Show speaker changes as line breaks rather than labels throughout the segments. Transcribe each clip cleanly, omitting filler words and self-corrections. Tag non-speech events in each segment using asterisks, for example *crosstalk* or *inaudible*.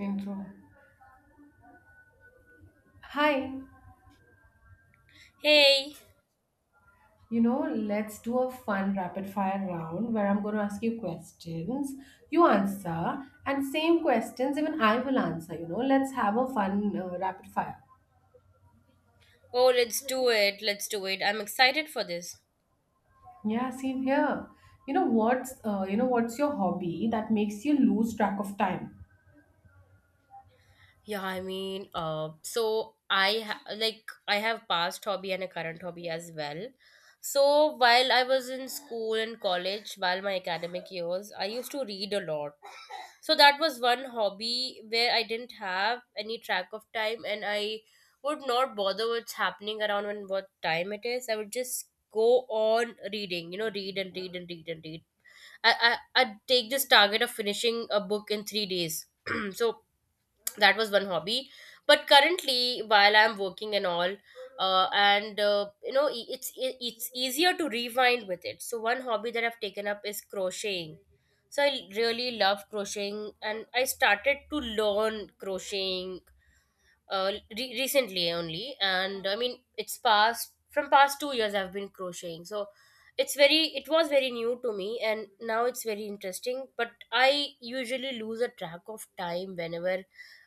Intro. Hi,
Hey,
you know, Let's do a fun rapid fire round where I'm going to ask you questions, you answer, and same questions even I will answer. You know, let's have a fun rapid fire.
oh, let's do it. Let's do it. I'm excited for this.
Yeah, same here. You know what's your hobby that makes you lose track of time?
Yeah, I mean, like I have past hobby and a current hobby as well. So while I was in school and college, while my academic years, I used to read a lot. So that was one hobby where I didn't have any track of time, and I would not bother what's happening around and what time it is. I would just go on reading, you know, read and read and read and read I, I I'd take this target of finishing a book in 3 days. *clears throat* So that was one hobby. But currently, while I'm working and all, and you know, it's easier to rewind with it, so one hobby that I've taken up is crocheting. So I really love crocheting, and I started to learn crocheting uh, recently only. And I mean, it's past from past 2 years I've been crocheting, so it's very it was very new to me, and now it's very interesting. But I usually lose a track of time whenever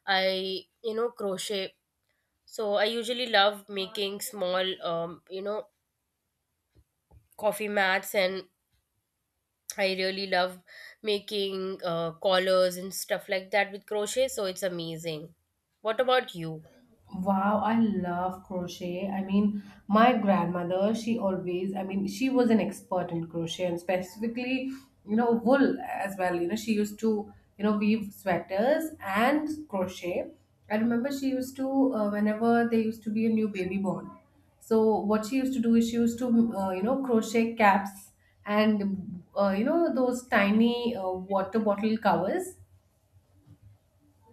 I, you know, crochet. So I usually love making small, you know, coffee mats, and I really love making collars and stuff like that with crochet, so it's amazing. What about you?
Wow, I love crochet. My grandmother, she always, I mean, she was an expert in crochet and specifically, you know, wool as well. You know, she used to, you know, weave sweaters and crochet. I remember she used to, whenever there used to be a new baby born. So, what she used to do is she used to, you know, crochet caps and, you know, those tiny water bottle covers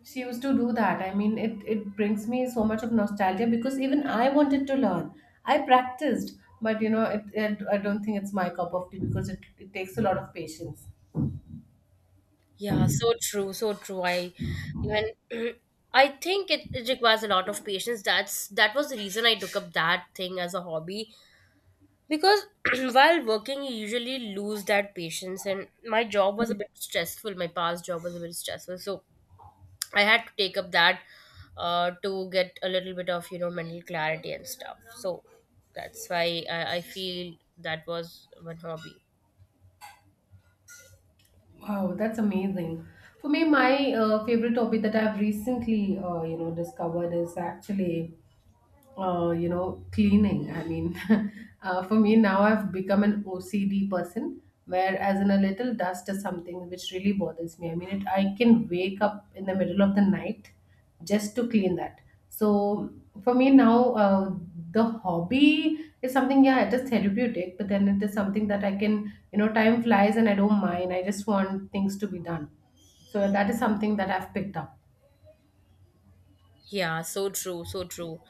she used to do that. I mean, it brings me so much of nostalgia because even I wanted to learn. I practiced, but you know, I don't think it's my cup of tea because it takes a lot of patience.
Yeah, so true, so true. I even *clears throat* I think it, it requires a lot of patience. That was the reason I took up that thing as a hobby, because *clears throat* while working you usually lose that patience, and my job was a bit stressful. My past job was a bit stressful, so I had to take up that to get a little bit of, you know, mental clarity and stuff. So that's why I feel that was one hobby.
Wow, that's amazing. For me, my favorite hobby that I've recently, you know, discovered is actually you know, cleaning. I mean, *laughs* for me now, I've become an OCD person. Whereas in a little dust is something which really bothers me. I mean, it, I can wake up in the middle of the night just to clean that. So for me now, the hobby is something. Yeah, it is therapeutic, but then it is something that I can, you know, time flies and I don't mind. I just want things to be done. So that is something that I've picked up.
Yeah, so true, so true.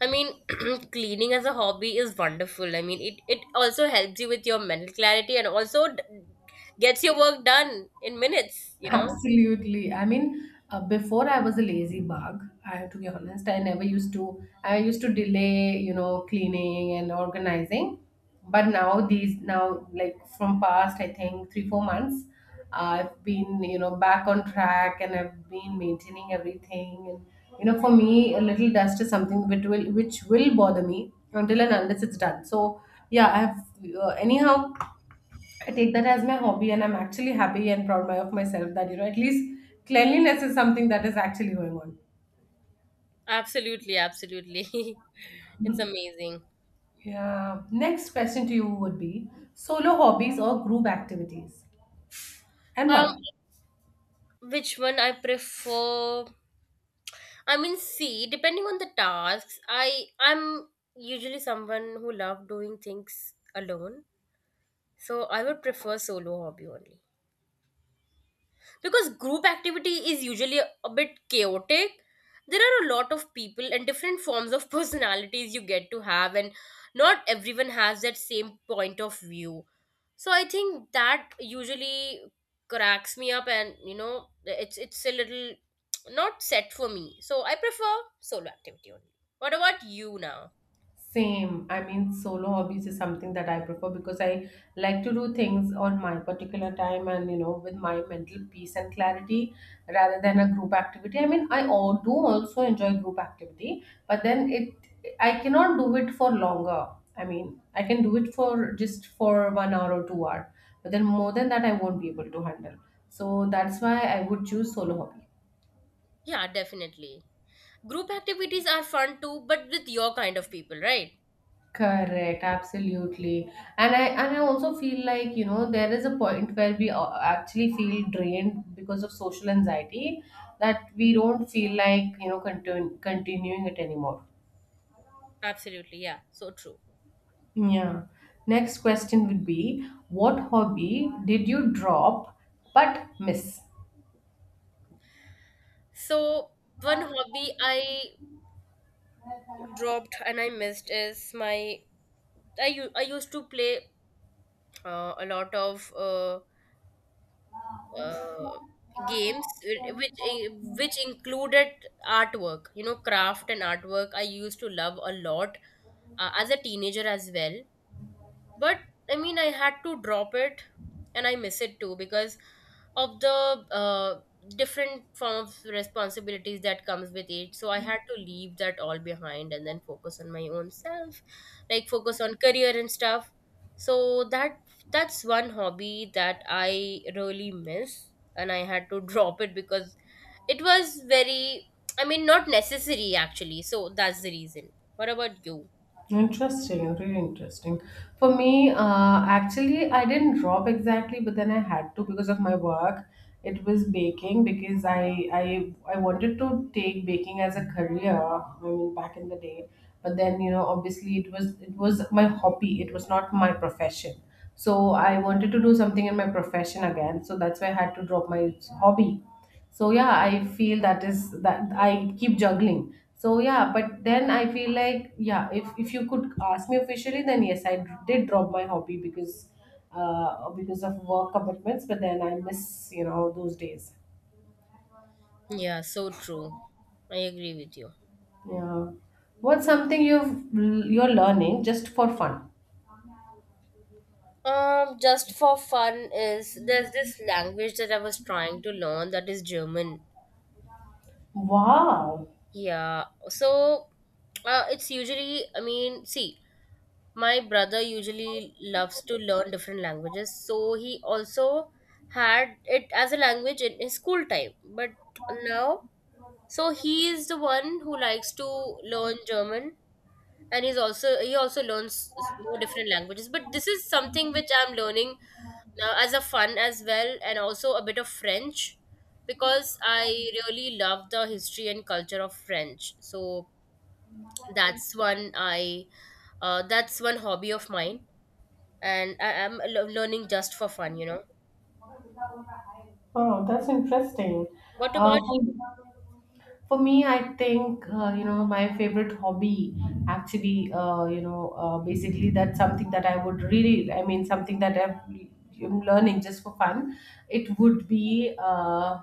I mean, *clears throat* cleaning as a hobby is wonderful. I mean, it also helps you with your mental clarity and also d- gets your work done in minutes, you know?
Absolutely. I mean, before I was a lazy bug, I have to be honest. I never used to, I used to delay, you know, cleaning and organizing. But now, like from past, I think three, 4 months, I've been, you know, back on track and I've been maintaining everything. And, you know, for me, a little dust is something which will bother me until and unless it's done. So, yeah, anyhow, I take that as my hobby, and I'm actually happy and proud of myself that you know at least cleanliness is something that is actually going on.
Absolutely, absolutely. *laughs* It's amazing.
Yeah. Next question to you would be solo hobbies or group activities, and
Um,
why?
which one I prefer? I mean, see, depending on the tasks, I I'm usually someone who love doing things alone, so I would prefer solo hobby only. Because group activity is usually a bit chaotic. There are a lot of people and different forms of *laughs* personalities you get to have, and not everyone has that same point of view. So I think that usually cracks me up, and you know, it's a little not set for me, so I prefer solo activity only. What about you now?
Same. I mean, solo hobbies is something that I prefer because I like to do things on my particular time and, you know, with my mental peace and clarity rather than a group activity. I mean, I all do also enjoy group activity, but then it, I cannot do it for longer. I mean, I can do it for just for 1 hour or 2 hour, but then more than that, I won't be able to handle. So that's why I would choose solo hobby.
Yeah, definitely. Group activities are fun too, but with your kind of people, right?
Correct, absolutely. And I also feel like, you know, there is a point where actually feel drained because of social anxiety that we don't feel like, you know, continuing it anymore.
Absolutely, yeah, so true.
Yeah. Next question would be, what hobby did you drop but miss?
So one hobby I dropped and I missed is my I u- I used to play a lot of uh, games which included artwork, you know, craft and artwork. I used to love a lot as a teenager as well. But I mean, I had to drop it, and I miss it too, because of the different form of responsibilities that comes with it, so I had to leave that all behind and then focus on my own self, like focus on career and stuff. So that that's one hobby that I really miss, and I had to *laughs* drop it because it was very I mean not necessary actually. So that's the reason. What about you?
Interesting, really interesting. For me, actually, I didn't drop exactly, but then I had to because of my work. It was baking because I wanted to take baking as a career. I mean, back in the day, but then you know, obviously, it was my hobby. It was not my profession. So I wanted to do something in my profession again. So that's why I had to drop my hobby so yeah I feel that is that I keep juggling so yeah but then I feel like yeah if you could ask me officially then yes I did drop my hobby because of work commitments but then I miss you know those days
Yeah, so true. I agree with you.
yeah what's something you're learning just for fun
Just for fun is there's this language that I was trying to learn that is German.
wow.
Yeah. So, it's usually, I mean, see, my brother usually loves to learn different languages, so he also had it as a language in his school time. But now, so he is the one who likes to learn German, and he's also he also learns more different languages. But this is something which I'm learning as a fun as well, and also a bit of French, because I really love the history and culture of French. So that's one I that's one hobby of mine, and I am learning just for fun, you know.
Oh, that's interesting.
What
Uh,
about
for
you?
For me, I think you know my favorite hobby actually basically that's something that I would really I mean something that I'm learning just for fun. It would be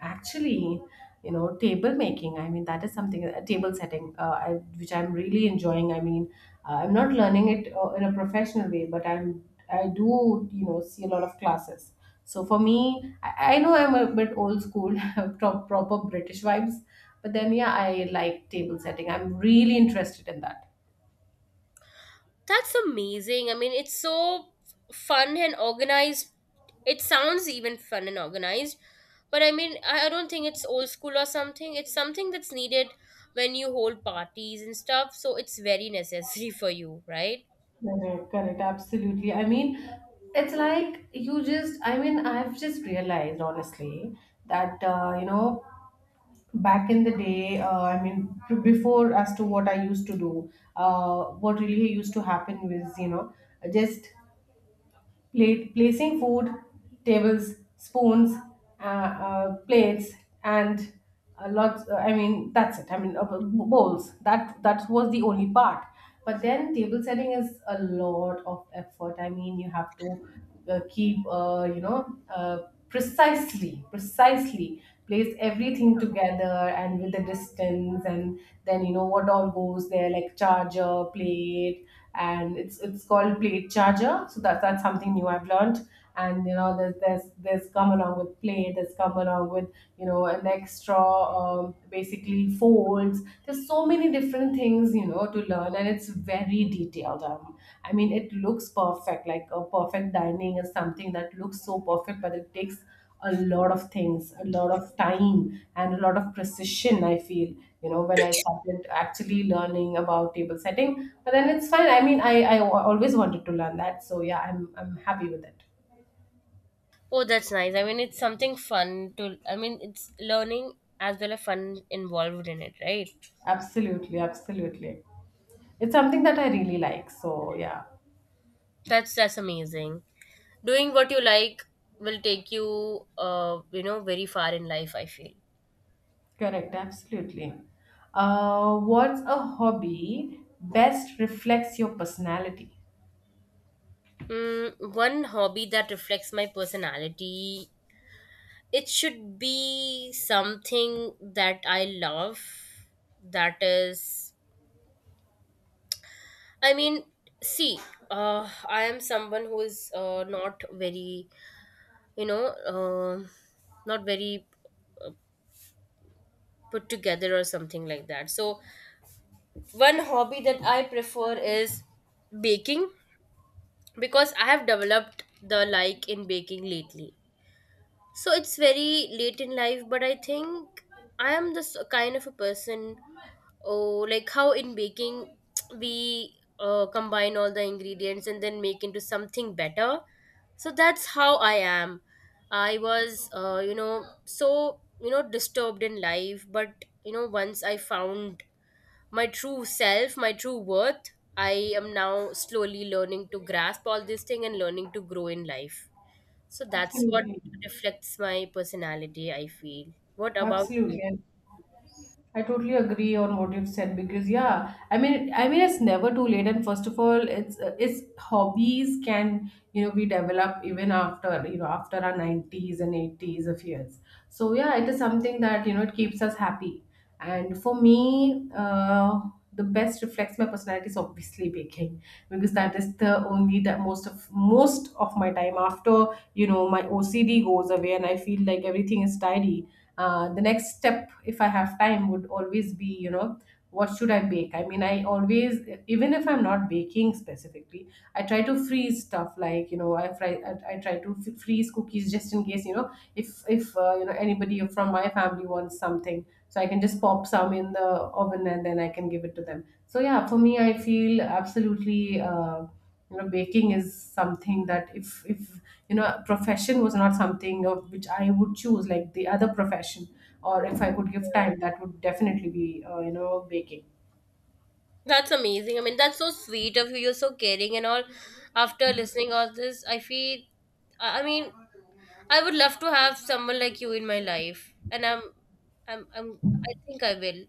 actually you know table making. I mean that is something table setting which I'm really enjoying. I mean I'm not learning it in a professional way, but I do you know see a lot of classes. So for me, I know I'm a bit old school, *laughs* proper British vibes, but then yeah, I like table setting. I'm really interested in that.
That's amazing. I mean, it's so fun and organized. It sounds even fun and organized, but I mean, I don't think it's old school or something. It's something that's needed when you hold parties and stuff, so it's very necessary *laughs* for you, right?
Correct, correct, absolutely. I mean, it's like you just, I mean, I've just realized honestly that, you know, back in the day I mean before as to what I used to do what really used to happen was you know just plate, placing food, tables, spoons, plates, and a lot. I mean, that's it. I mean, bowls. That was the only part. But then table setting is a lot of effort. I mean, you have to keep, you know, uh, precisely place everything together and with the distance, and then you know what all goes there, like charger, plate and it's called plate charger so that's something new I've learned and you know there's come along with plate there's come along with you know an extra basically folds there's so many different things you know to learn and it's very detailed I mean it looks perfect like a perfect dining is something that looks so perfect but it takes a lot of things, a lot of time, and a lot of precision. I feel, you know, when I started actually learning about table setting, but then it's fine. I mean, I always wanted to learn that, so yeah, I'm happy with it.
Oh, that's nice. I mean, it's something fun to, I mean, it's learning as well as fun involved in it, right?
Absolutely, absolutely. It's something that I really like. So yeah,
That's amazing. Doing what you like will take you, you know, very far in life, I feel.
correct, absolutely. What's a hobby best reflects your personality?
Mm, one hobby that reflects my personality. It should be something that I love. That is, I mean, see, I am someone who is not very, you know, not very put together or something like that. So, one hobby that I prefer is baking, because I have developed the like in baking lately. So it's very late in life, but I think I am this kind of a person. Oh, like how in baking *tsk* we combine all the ingredients and then make into something better. So that's how I am. I was, you know, so, you know, disturbed in life, but, you know, once I found my true self, my true worth, I am now slowly learning to grasp all this thing and learning to grow in life. So that's what
Absolutely.
reflects my personality, I feel. What about you?
Absolutely. And I totally agree on what you've said because yeah, it's never too late. And first of all, it's hobbies can you know be developed even after you know after our nineties and eighties of years. So yeah, it is something that you know it keeps us happy. And for me, the best reflects my personality is obviously baking because that is the only that most of my time after you know my OCD goes away and I feel like everything is tidy. The next step, if I have time, would always be you know what should I bake I mean I always even if I'm not baking specifically I try to freeze stuff like you know I try to freeze cookies just in case you know if you know anybody from my family wants something so I can just pop some in the oven and then I can give it to them so yeah for me I feel absolutely you know baking is something that if you know profession was not something of which I would choose like the other profession or if I could give time that would definitely be you know baking.
That's amazing. I mean, that's so sweet of you. You're so caring and all. After listening all this, I feel. I mean, I would love to have someone like you in my life, and I'm. I think I will.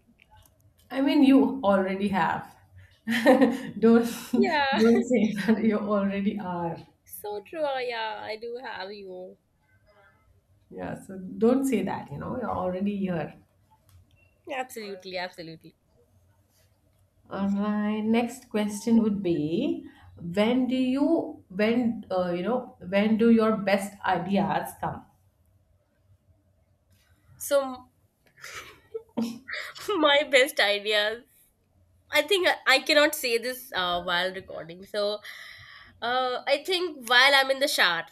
I mean, you already have. *laughs* don't
Yeah,
don't say *laughs* that you already are.
*laughs* so true. Yeah, I do have you.
Yeah so don't say that you know you're already here.
Absolutely, absolutely.
All right, next question would be, when do you when you know when do your best ideas
So, *laughs* my best ideas. I think I cannot say this while recording. So, I think while I'm in the shower,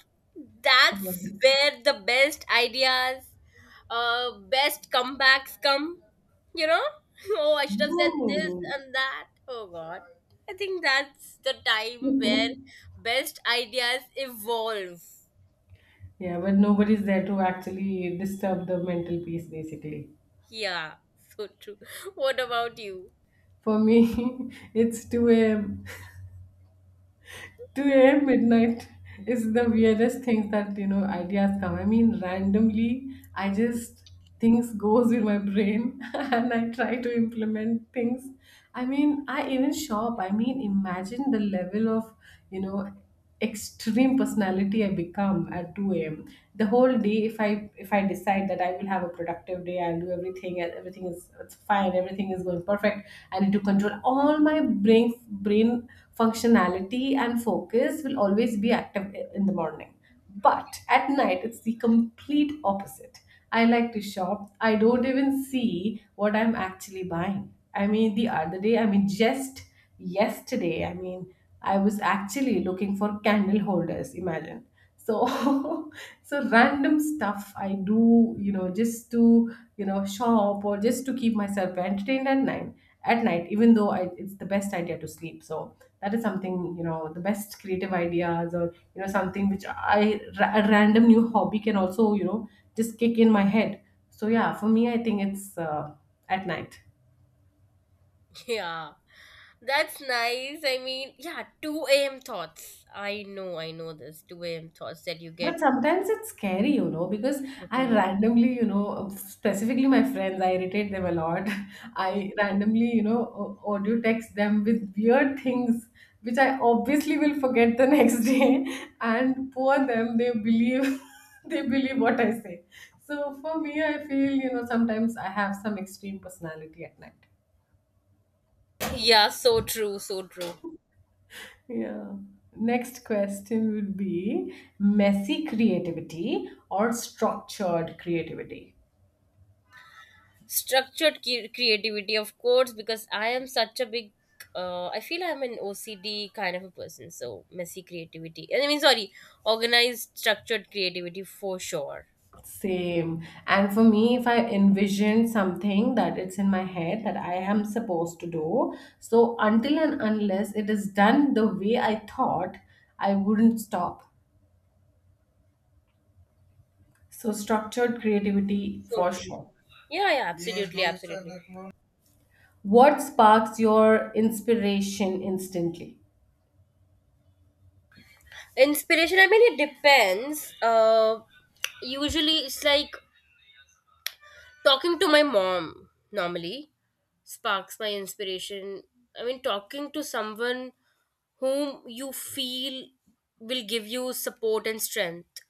that's
come.
where the best ideas, best comebacks come. You know? *laughs* Oh, I should have said this
Oh.
and that. Oh God. I think that's the time where
*laughs*
best ideas evolve.
Yeah, but nobody's there to actually disturb the mental peace, basically.
Yeah, so true. *laughs* What about you?
For me, *laughs* it's 2 a.m. *laughs* 2 a.m. midnight is the
*laughs*
weirdest thing that, you know, ideas come. I mean, randomly,
Yeah.
things goes in my brain *laughs* and I try to implement things. I mean, I even shop. I mean, imagine the level of, you know, extreme personality I become at 2 a.m. The whole day, if I decide that I will have a productive day, I'll do everything, and everything is it's fine, everything is going perfect. I need to control all my brain brain functionality and focus will always be active in the morning. But at night, it's the complete opposite. I like to shop. I don't even see what I'm actually buying. I mean, just yesterday, I mean, I was actually looking for candle holders, imagine. So, *laughs* so random stuff I do, you know, just to, shop or just to keep myself entertained at night even though it's the best idea to sleep. So that is something, you know, the best creative ideas, or you know, something which a random new hobby can also, you know, just kick in my head. So yeah, for me I think it's at night.
Yeah. That's nice. I mean, yeah, 2 a.m. thoughts. I know this 2 a.m. thoughts that you
But
get.
sometimes it's scary, you know, because I
Mhm.
randomly, you know, specifically my friends, I irritate them a lot. *laughs* I randomly, you know, audio text them with weird things, which I obviously will forget the *laughs* next day. And poor them, they believe, *laughs* they believe what I say. So for me, I feel, you know, sometimes I have some extreme personality at night.
Yeah, so true, so true.
Yeah. Next question would be, messy creativity or structured creativity?
Structured cu- creativity, of course, because I am such a big. I feel I'm an OCD kind of a person, so messy creativity. I mean, sorry, organized, structured creativity for sure.
Same. And for me, if I envision something that it's in my head that I am supposed to do, so until and unless it is done the way I thought, I wouldn't stop. So, structured creativity
So
for
true.
sure.
Yeah, yeah, absolutely, absolutely.
What sparks your inspiration instantly?
Inspiration. I mean, it depends. Usually it's like talking to my mom normally sparks my inspiration. I mean, talking to someone whom you feel will give you support and strength.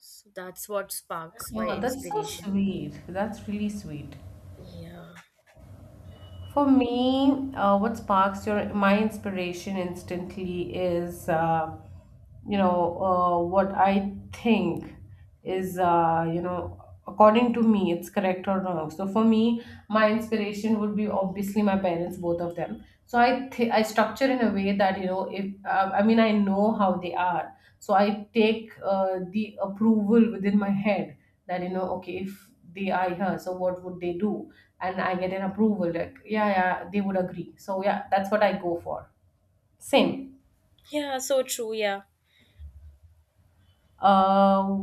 So that's what sparks my
Yeah, that's so
inspiration.
sweet. That's really sweet.
Yeah.
For me, what sparks your my inspiration instantly is, you know, what I think is, you know, according to me, it's correct or wrong. So for me, my inspiration would be obviously my parents, both of them. So I structure in a way that you know, if I mean, I know how they are, so I take the approval within my head, that you know, okay, if they are here, so what would they do? And I get an approval like, yeah, yeah, they would agree. So yeah, that's what I go for. Same.
Yeah, so true. Yeah.
uh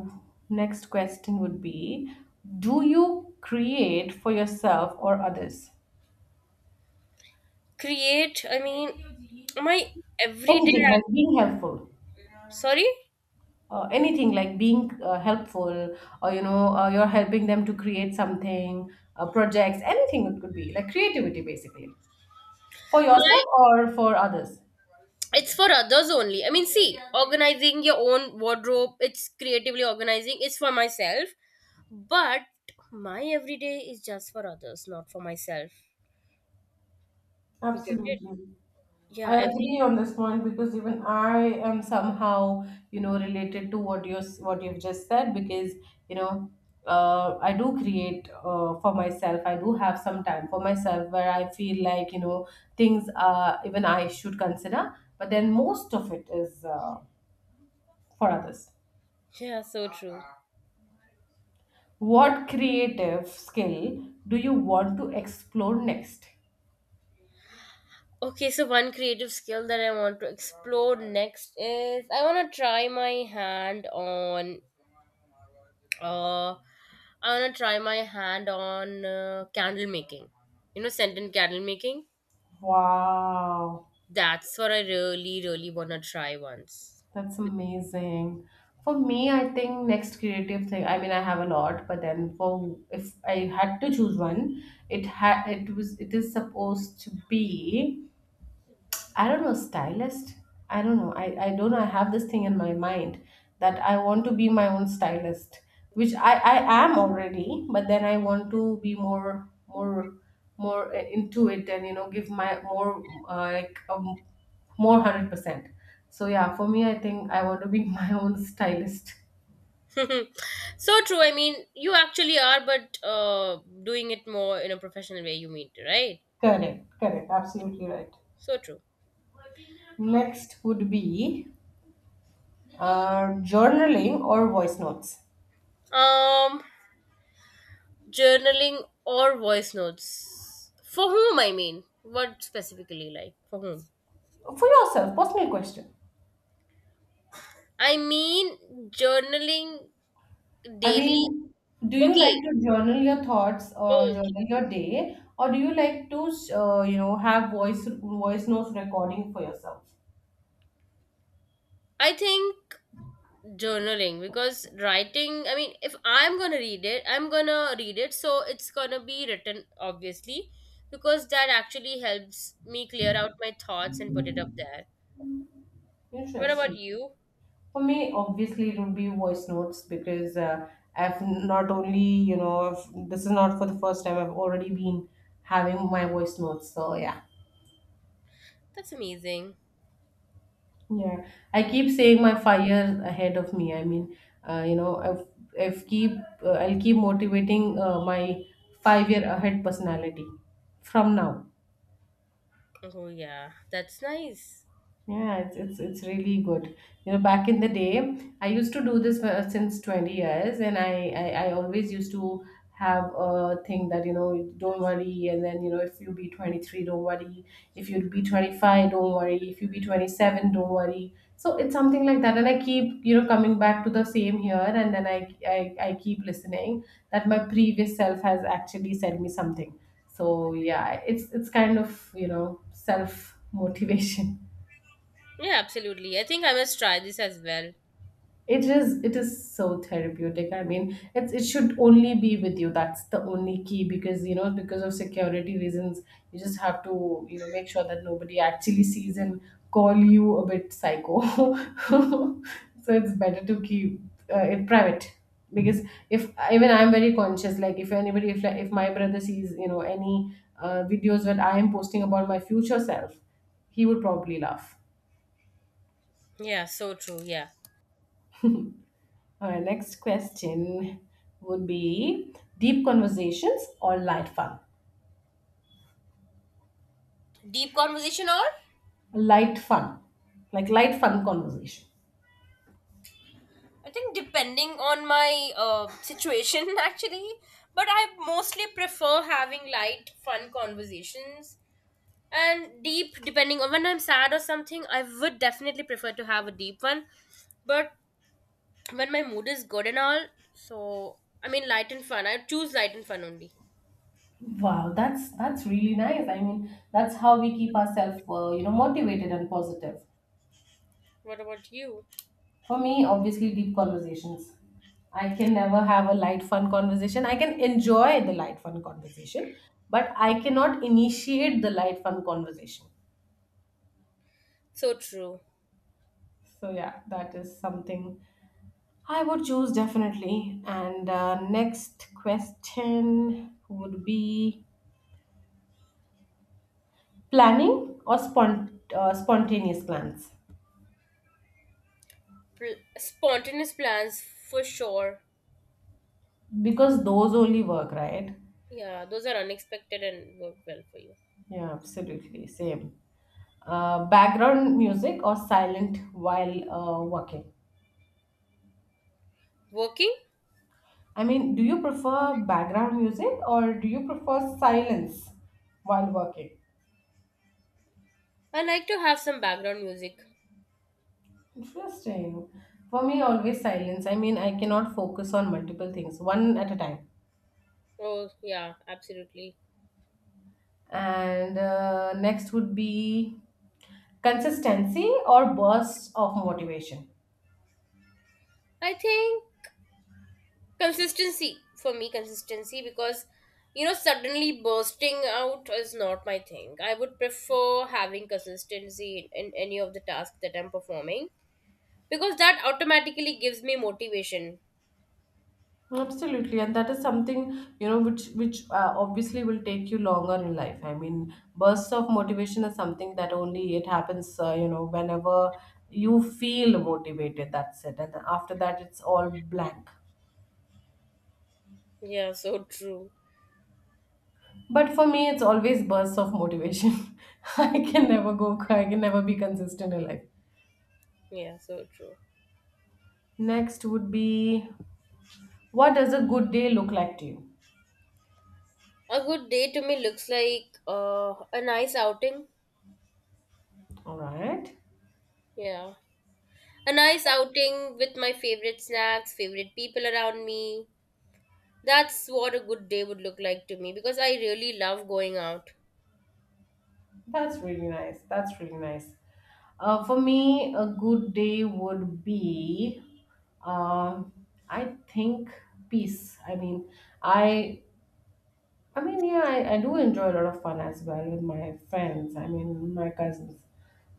next question would be, do you create for yourself or others?
Create, I mean, my everyday.
Anything like being helpful.
Sorry?
Anything like being helpful, or you know, you're helping them to create something, projects, anything, it could be like creativity basically, for
My,
yourself or for others.
it's for others only. I mean, see, organizing your own wardrobe, it's creatively organizing, it's for myself. But my everyday is just for others, not for myself. You get it?
Absolutely.
Yeah,
I
every,
agree on this point because even I am somehow, you know, related to what you've just said, because you know, I do create for myself. I do have some time for myself where I feel like, you know, things even I should consider, but then most of it is for others.
yeah, so true.
What creative skill do you want to explore next?
Okay, so one creative skill that I want to explore next is I want to try my hand on uh I want to try my hand on candle making. You know, scented candle making?
Wow.
That's what I really really want to try once.
That's amazing. For me, I think next creative thing. I mean, I have a lot, but then for if I had to choose one, it had it was it is supposed to be, I don't know, stylist? I don't know. I don't know. I have this thing in my mind that I want to be my own stylist, which I am already, but then I want to be more into it, and you know, give my more uh, like um, more 100%. So yeah, for me I think I want to be *laughs* my own stylist.
*laughs* So true. I mean, you actually are but doing it more in a professional way you mean, right?
Correct. Correct. Absolutely right.
So true.
Next would be journaling or voice notes.
Um Journaling or voice notes? For whom, I mean? What specifically, like, for whom?
For yourself, personal question.
I mean, journaling
I
daily.
mean, do you like
Okay.
to journal your thoughts or
Okay.
journal your day, or do you like to, you know, have voice notes recording for yourself?
I think journaling, because writing, I mean, if I'm gonna read it, I'm gonna read it, so it's gonna be written, obviously, because that actually helps me clear out my thoughts and put it up there. What about
Interesting.
you?
For me, obviously, it would be voice notes because I've not only, you know, this is not for the first time. I've already been having my voice notes. So yeah.
That's amazing.
Yeah, I keep saying my 5 years ahead of me. I mean, you know, I've keep I'll keep motivating my 5 year ahead personality from now.
Oh, yeah. That's nice.
Yeah, it's it's really good. You know, back in the day, I used to do this since 20 years, and I always used to have a thing that you know, don't worry, and then you know, if you be 23, don't worry. If you be 25, don't worry. If you be 27, don't worry. So it's something like that, and I keep you know coming back to the same here, and then I keep listening that my previous self has actually said me something. So yeah, it's kind of you know self motivation.
Yeah, absolutely. I think I must try this as well.
It is so therapeutic. I mean, it's it should only be with you. That's the only key, because you know, because of security reasons, you just have to you know make sure that nobody actually sees and call you a bit psycho. *laughs* So it's better to keep it private, because if even I'm very conscious. Like if anybody if like, if my brother sees you know any videos that I am posting about my future self, he would probably laugh.
Yeah, so true. Yeah.
Our next question would be, deep conversations or light fun?
Deep conversation or?
Light fun, like light fun conversation.
I think depending on my situation, *laughs* actually. But I mostly prefer having light, fun conversations. And deep, depending on when I'm sad or something, I would definitely prefer to have a deep one. But when my mood is good and all, so I mean, light and fun. I choose light and fun only.
Wow, that's really nice. I mean, that's how we keep ourselves, you know, motivated and positive.
What about you?
For me, obviously, deep conversations. I can never have a light fun conversation. I can enjoy the light fun conversation, but I cannot initiate the light fun conversation.
So true.
So yeah, that is something I would choose definitely. And next question would be, spontaneous plans,
Pl- spontaneous plans for sure.
because those only work, right?
Yeah, those are unexpected and work well for you.
Yeah, absolutely. Same. Background music or silent while working?
Working?
I mean, do you prefer background music or do you prefer silence while working?
I like to have some background music.
Interesting. For me, always silence. I mean, I cannot focus on multiple things, one at a time.
Oh, yeah, absolutely.
And next would be consistency or bursts of motivation.
I think consistency for me, consistency because you know, suddenly bursting out is not my thing. I would prefer having consistency in any of the tasks that I'm performing, because that automatically gives me motivation.
Absolutely, and that is something you know which obviously will take you longer in life. I mean, bursts of motivation is something that only it happens you know whenever you feel motivated. That's it, and after that it's all blank.
Yeah, so true.
But for me, it's always bursts of motivation. *laughs* I can never go. I can never be consistent in life.
Yeah, so true.
Next would be, what does a good day look like to you?
A good day to me looks like a nice outing.
All right.
Yeah. A nice outing with my favorite snacks, favorite people around me. That's what a good day would look like to me, because I really love going out.
That's really nice. That's really nice. For me, a good day would be, uh, I think, peace. I mean, I, I mean, yeah, I do enjoy a lot of fun as well with my friends. I mean, my cousins.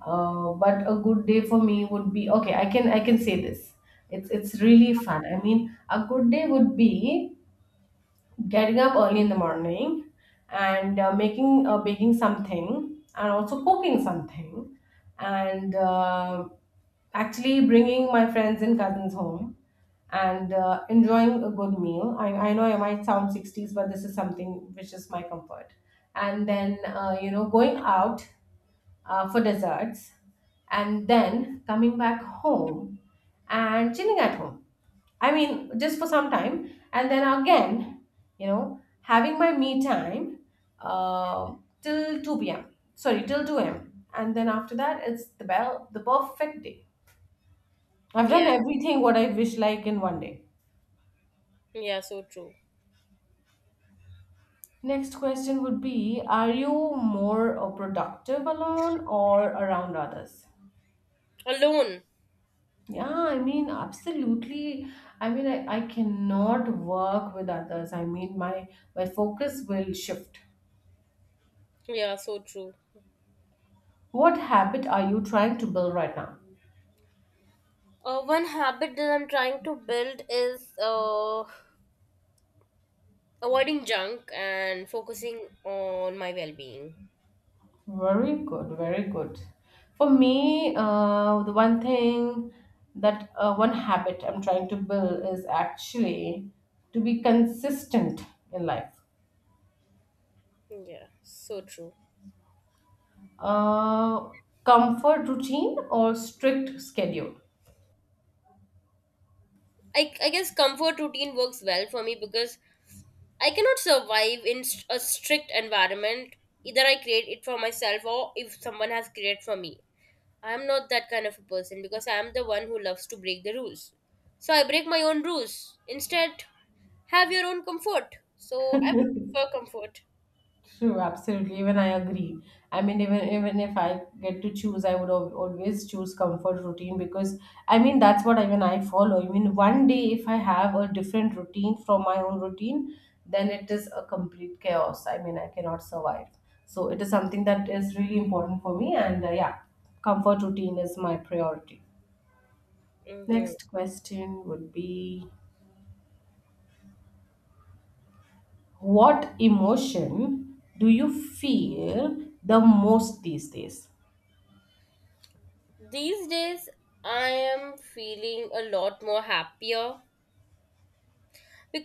But a good day for me would be okay. I can say this. It's really fun. I mean, a good day would be getting up early in the morning and making baking something and also cooking something and actually bringing my friends and cousins home and enjoying a good meal. I know, I might sound 60s, but this is something which is my comfort, and then you know going out for desserts, and then coming back home and chilling at home. I mean, just for some time, and then again, you know, having my me time, uh, till 2 p.m. Sorry, till 2 a.m. And then after that, it's the bell, the perfect day. I've done
Yeah,
everything what I wish like in one day.
yeah, so true.
Next question would be, are you more productive alone or around others?
Alone.
Yeah, I mean, absolutely. I mean, I cannot work with others. I mean, my focus will shift.
Yeah, so true.
What habit are you trying to build right now?
One habit that I'm trying to build is avoiding junk and focusing on my well being.
Very good, very good. For me, the one thing that one habit I'm trying to build is actually to be consistent in life.
Yeah, so true.
Uh, comfort routine or strict schedule?
I guess comfort routine works well for me, because I cannot survive in st- a strict environment. Either I create it for myself or if someone has created for me. I am not that kind of a person, because I am the one who loves to break the rules. So I break my own rules. Instead, have your own comfort. So I would prefer comfort.
True, absolutely. Even I agree. I mean, even if I get to choose, I would always choose comfort routine, because I mean that's what even I follow. I mean, one day if I have a different routine from my own routine, then it is a complete chaos. I mean, I cannot survive. So it is something that is really important for me, and yeah, comfort routine is my priority.
Hmm.
Next question would be, what emotion do you feel the most these days?
These days, I am feeling a lot more happier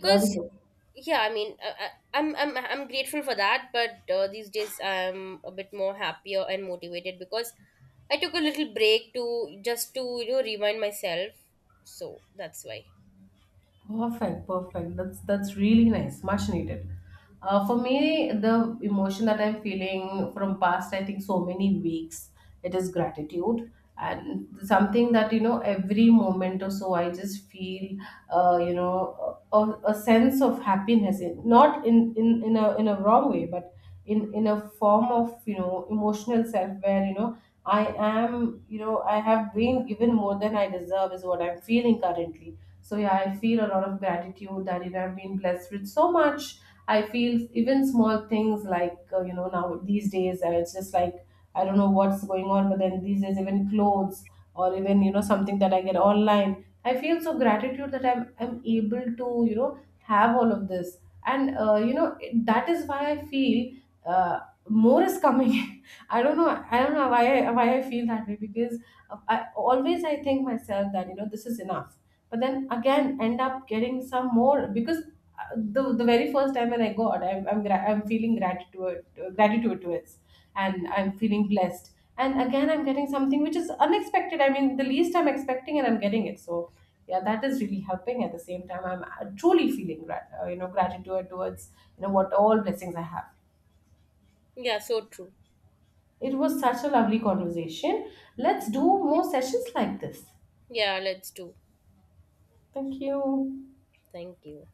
Very good.
yeah I mean, I'm grateful for that, but these days I'm a bit more happier and motivated because I took a little break to just to you know remind myself, so that's why
Perfect, perfect. That's really nice. Much needed. For me, the emotion that I'm feeling from past, I think, so many weeks, it is gratitude, and something that you know every moment or so I just feel, you know, a sense of happiness. Not in a wrong way, but in a form of you know emotional self, where you know I am, you know, I have been given more than I deserve is what I'm feeling currently. So yeah, I feel a lot of gratitude that you know, I've been blessed with so much. I feel even small things like you know, now these days it's just like I don't know what's going on, but then these days even clothes or even you know something that I get online, I feel so gratitude that I'm able to you know have all of this, and you know that is why I feel uh, more is coming. *laughs* I don't know why why I feel that way, because I always I think myself that you know this is enough, but then again end up getting some more, because the very first time when I got, I'm feeling gratitude, gratitude towards, and I'm feeling blessed. And again, I'm getting something which is unexpected. I mean, the least I'm expecting and I'm getting it. So yeah, that is really helping. At the same time, I'm truly feeling, you know, gratitude towards, you know, what all blessings I have.
yeah so true
It was such a lovely conversation. Let's do more sessions like this.
yeah let's do
Thank you.
thank you